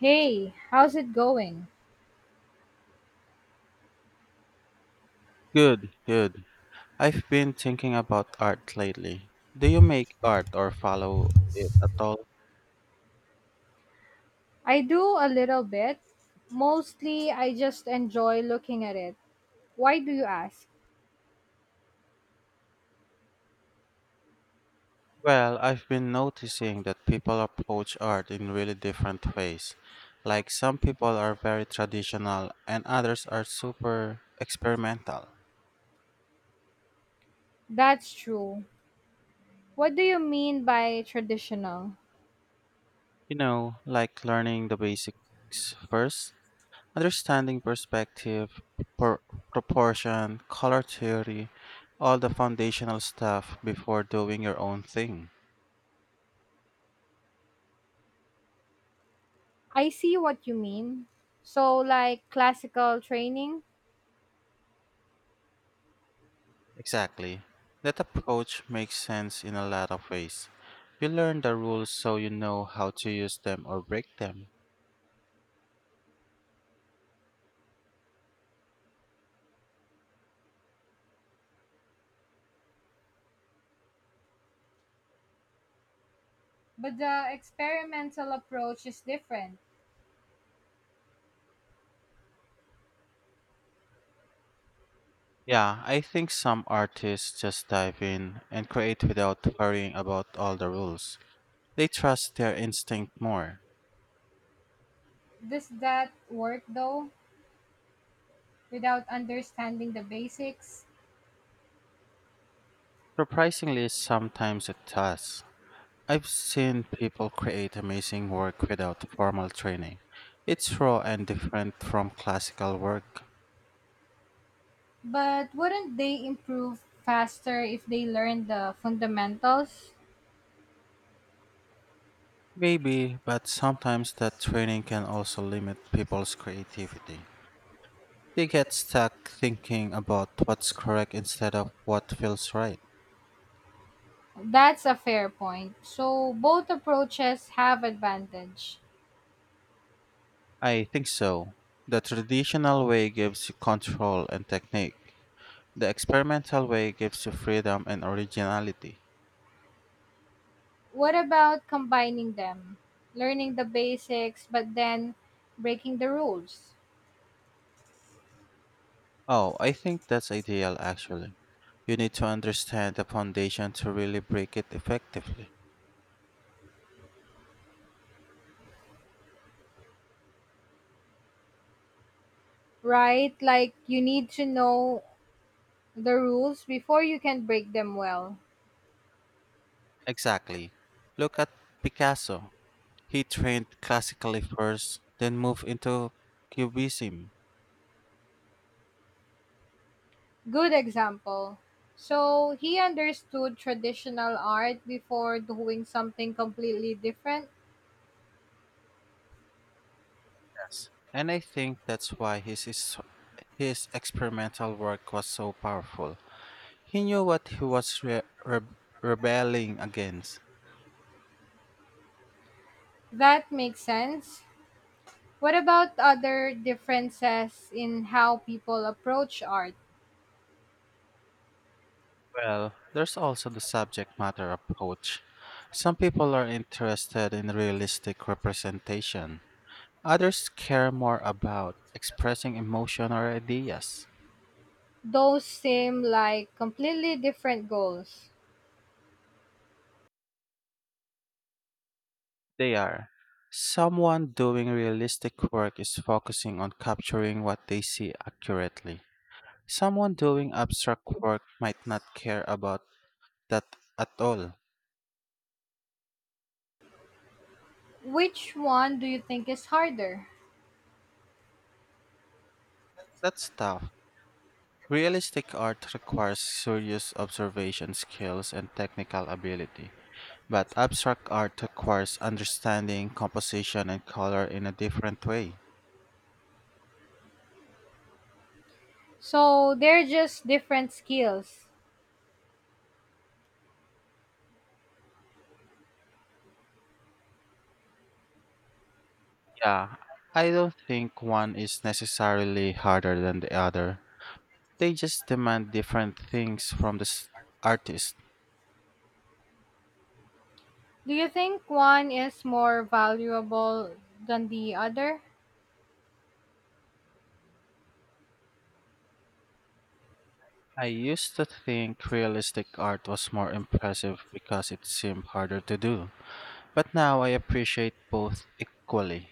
Hey, how's it going? Good, good. I've been thinking about art lately. Do you make art or follow it at all? I do a little bit. Mostly, I just enjoy looking at it. Why do you ask? Well, I've been noticing that people approach art in really different ways. Like some people are very traditional and others are super experimental. That's true. What do you mean by traditional? You know, like learning the basics first, understanding perspective, por- proportion, color theory, all the foundational stuff before doing your own thing. I see what you mean. So, like classical training? Exactly. That approach makes sense in a lot of ways. You learn the rules so you know how to use them or break them. But the experimental approach is different. Yeah, I think some artists just dive in and create without worrying about all the rules. They trust their instinct more. Does that work though, without understanding the basics? Surprisingly, sometimes it does. I've seen people create amazing work without formal training. It's raw and different from classical work. But wouldn't they improve faster if they learn the fundamentals? Maybe, but sometimes that training can also limit people's creativity. They get stuck thinking about what's correct instead of what feels right. That's a fair point. So both approaches have advantage. I think so. The traditional way gives you control and technique. The experimental way gives you freedom and originality. What about combining them? Learning the basics but then breaking the rules. Oh, I think that's ideal actually. You need to understand the foundation to really break it effectively. Right? Like you need to know the rules before you can break them well. Exactly. Look at Picasso. He trained classically first, then moved into cubism. Good example. So he understood traditional art before doing something completely different. Yes. And I think that's why his experimental work was so powerful. He knew what he was rebelling against. That makes sense. What about other differences in how people approach art? Well, there's also the subject matter approach. Some people are interested in realistic representation, others care more about expressing emotion or ideas. Those seem like completely different goals. They are. Someone doing realistic work is focusing on capturing what they see accurately. Someone doing abstract work might not care about that at all. Which one do you think is harder? That's tough. Realistic art requires serious observation skills and technical ability, but abstract art requires understanding composition and color in a different way. So they're just different skills. Yeah, I don't think one is necessarily harder than the other. They just demand different things from the artist. Do you think one is more valuable than the other? I used to think realistic art was more impressive because it seemed harder to do, but now I appreciate both equally.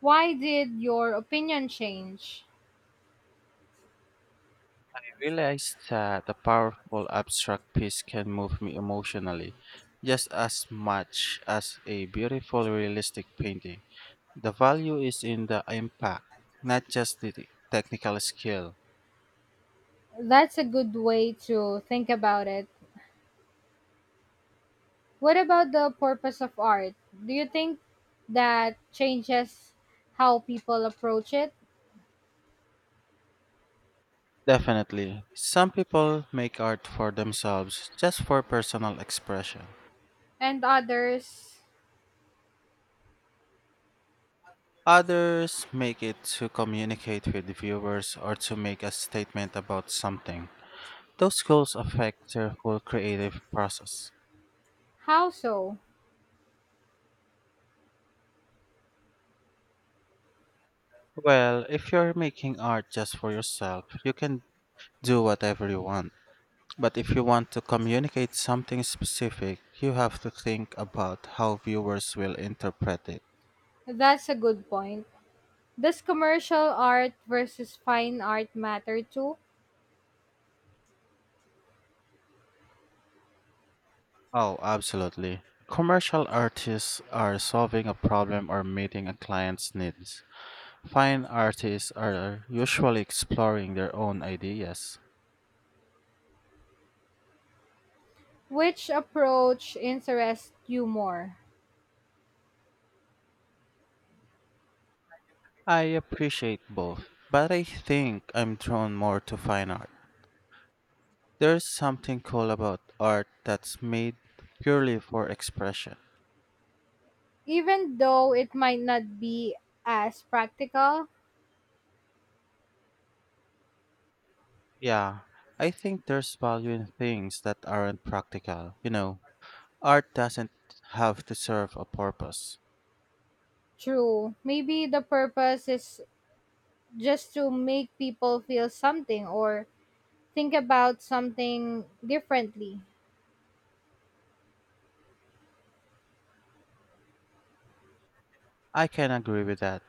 Why did your opinion change? I realized that a powerful abstract piece can move me emotionally just as much as a beautiful realistic painting. The value is in the impact, not just the technical skill. That's a good way to think about it. What about the purpose of art? Do you think that changes how people approach it Definitely. Some people make art for themselves just for personal expression. and others? Others make it to communicate with viewers or to make a statement about something. Those goals affect your whole creative process. How so? Well, if you're making art just for yourself, you can do whatever you want. But if you want to communicate something specific, you have to think about how viewers will interpret it. That's a good point. Does commercial art versus fine art matter too? Oh, absolutely. Commercial artists are solving a problem or meeting a client's needs. Fine artists are usually exploring their own ideas. Which approach interests you more? I appreciate both, but I think I'm drawn more to fine art. There's something cool about art that's made purely for expression. Even though it might not be as practical, Yeah, I think there's value in things that aren't practical. You know, art doesn't have to serve a purpose. true. Maybe the purpose is just to make people feel something or think about something differently. I can agree with that.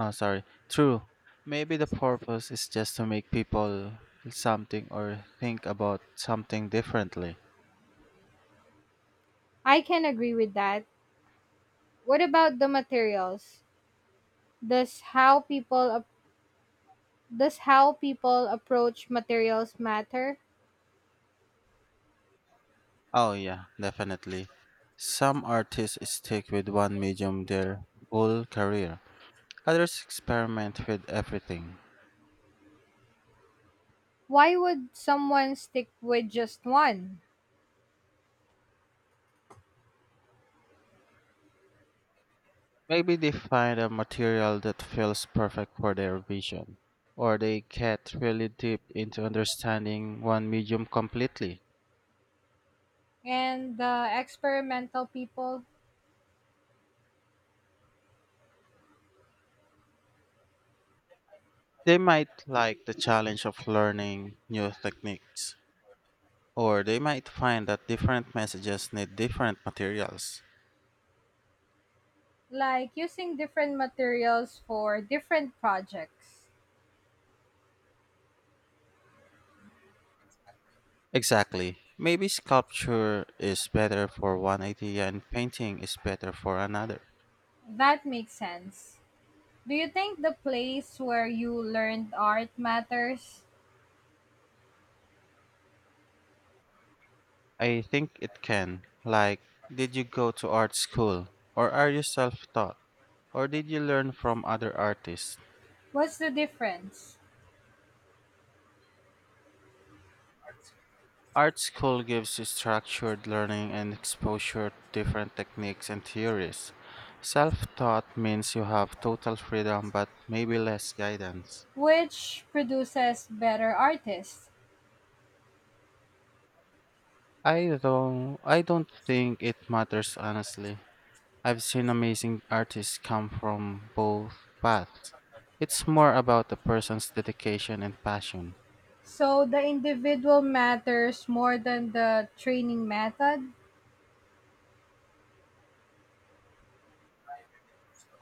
Oh, sorry. True. Maybe the purpose is just to make people feel something or think about something differently. I can agree with that. What about the materials? Does how people does how people approach materials matter? Oh, yeah, definitely. Some artists stick with one medium their whole career, others experiment with everything. Why would someone stick with just one? Maybe they find a material that feels perfect for their vision, or they get really deep into understanding one medium completely. And the experimental people They might like the challenge of learning new techniques. Or they might find that different messages need different materials. like using different materials for different projects. Exactly. Maybe sculpture is better for one idea and painting is better for another. That makes sense. Do you think the place where you learned art matters? I think it can. Like, did you go to art school? Or are you self taught? Or did you learn from other artists? What's the difference? Art school gives you structured learning and exposure to different techniques and theories. Self taught means you have total freedom but maybe less guidance. Which produces better artists? I don't think it matters honestly. I've seen amazing artists come from both paths. It's more about the person's dedication and passion. So the individual matters more than the training method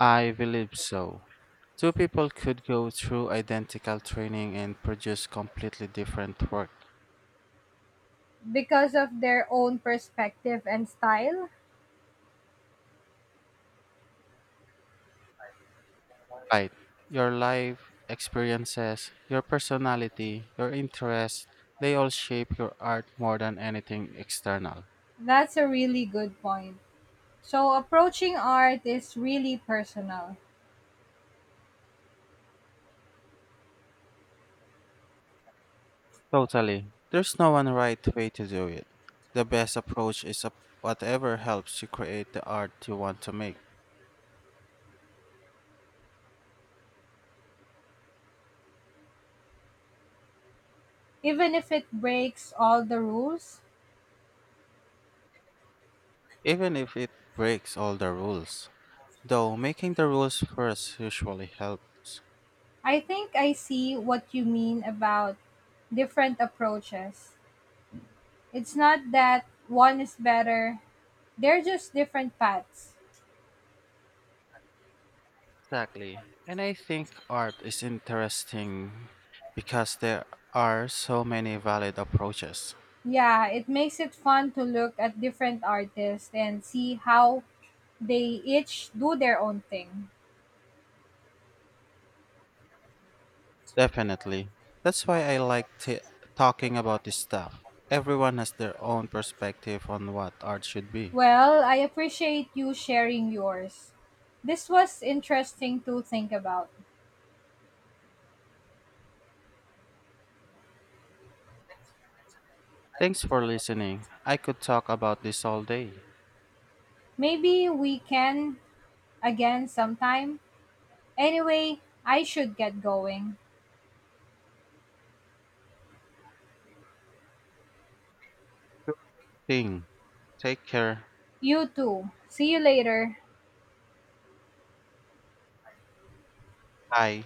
I believe so. Two people could go through identical training and produce completely different work. because of their own perspective and style? Right. Your life experiences, your personality, your interests, they all shape your art more than anything external. That's a really good point. So, approaching art is really personal. Totally. There's no one right way to do it. The best approach is whatever helps you create the art you want to make, Even if it breaks all the rules, even if it breaks all the rules. Though making the rules first usually helps. I think I see what you mean about different approaches. It's not that one is better, they're just different paths. Exactly. And I think art is interesting because there are so many valid approaches. Yeah, it makes it fun to look at different artists and see how they each do their own thing. Definitely. That's why I like talking about this stuff. Everyone has their own perspective on what art should be. Well, I appreciate you sharing yours. This was interesting to think about. Thanks for listening. I could talk about this all day. Maybe we can again sometime. Anyway, I should get going. Sure thing. Take care. You too. See you later. Hi.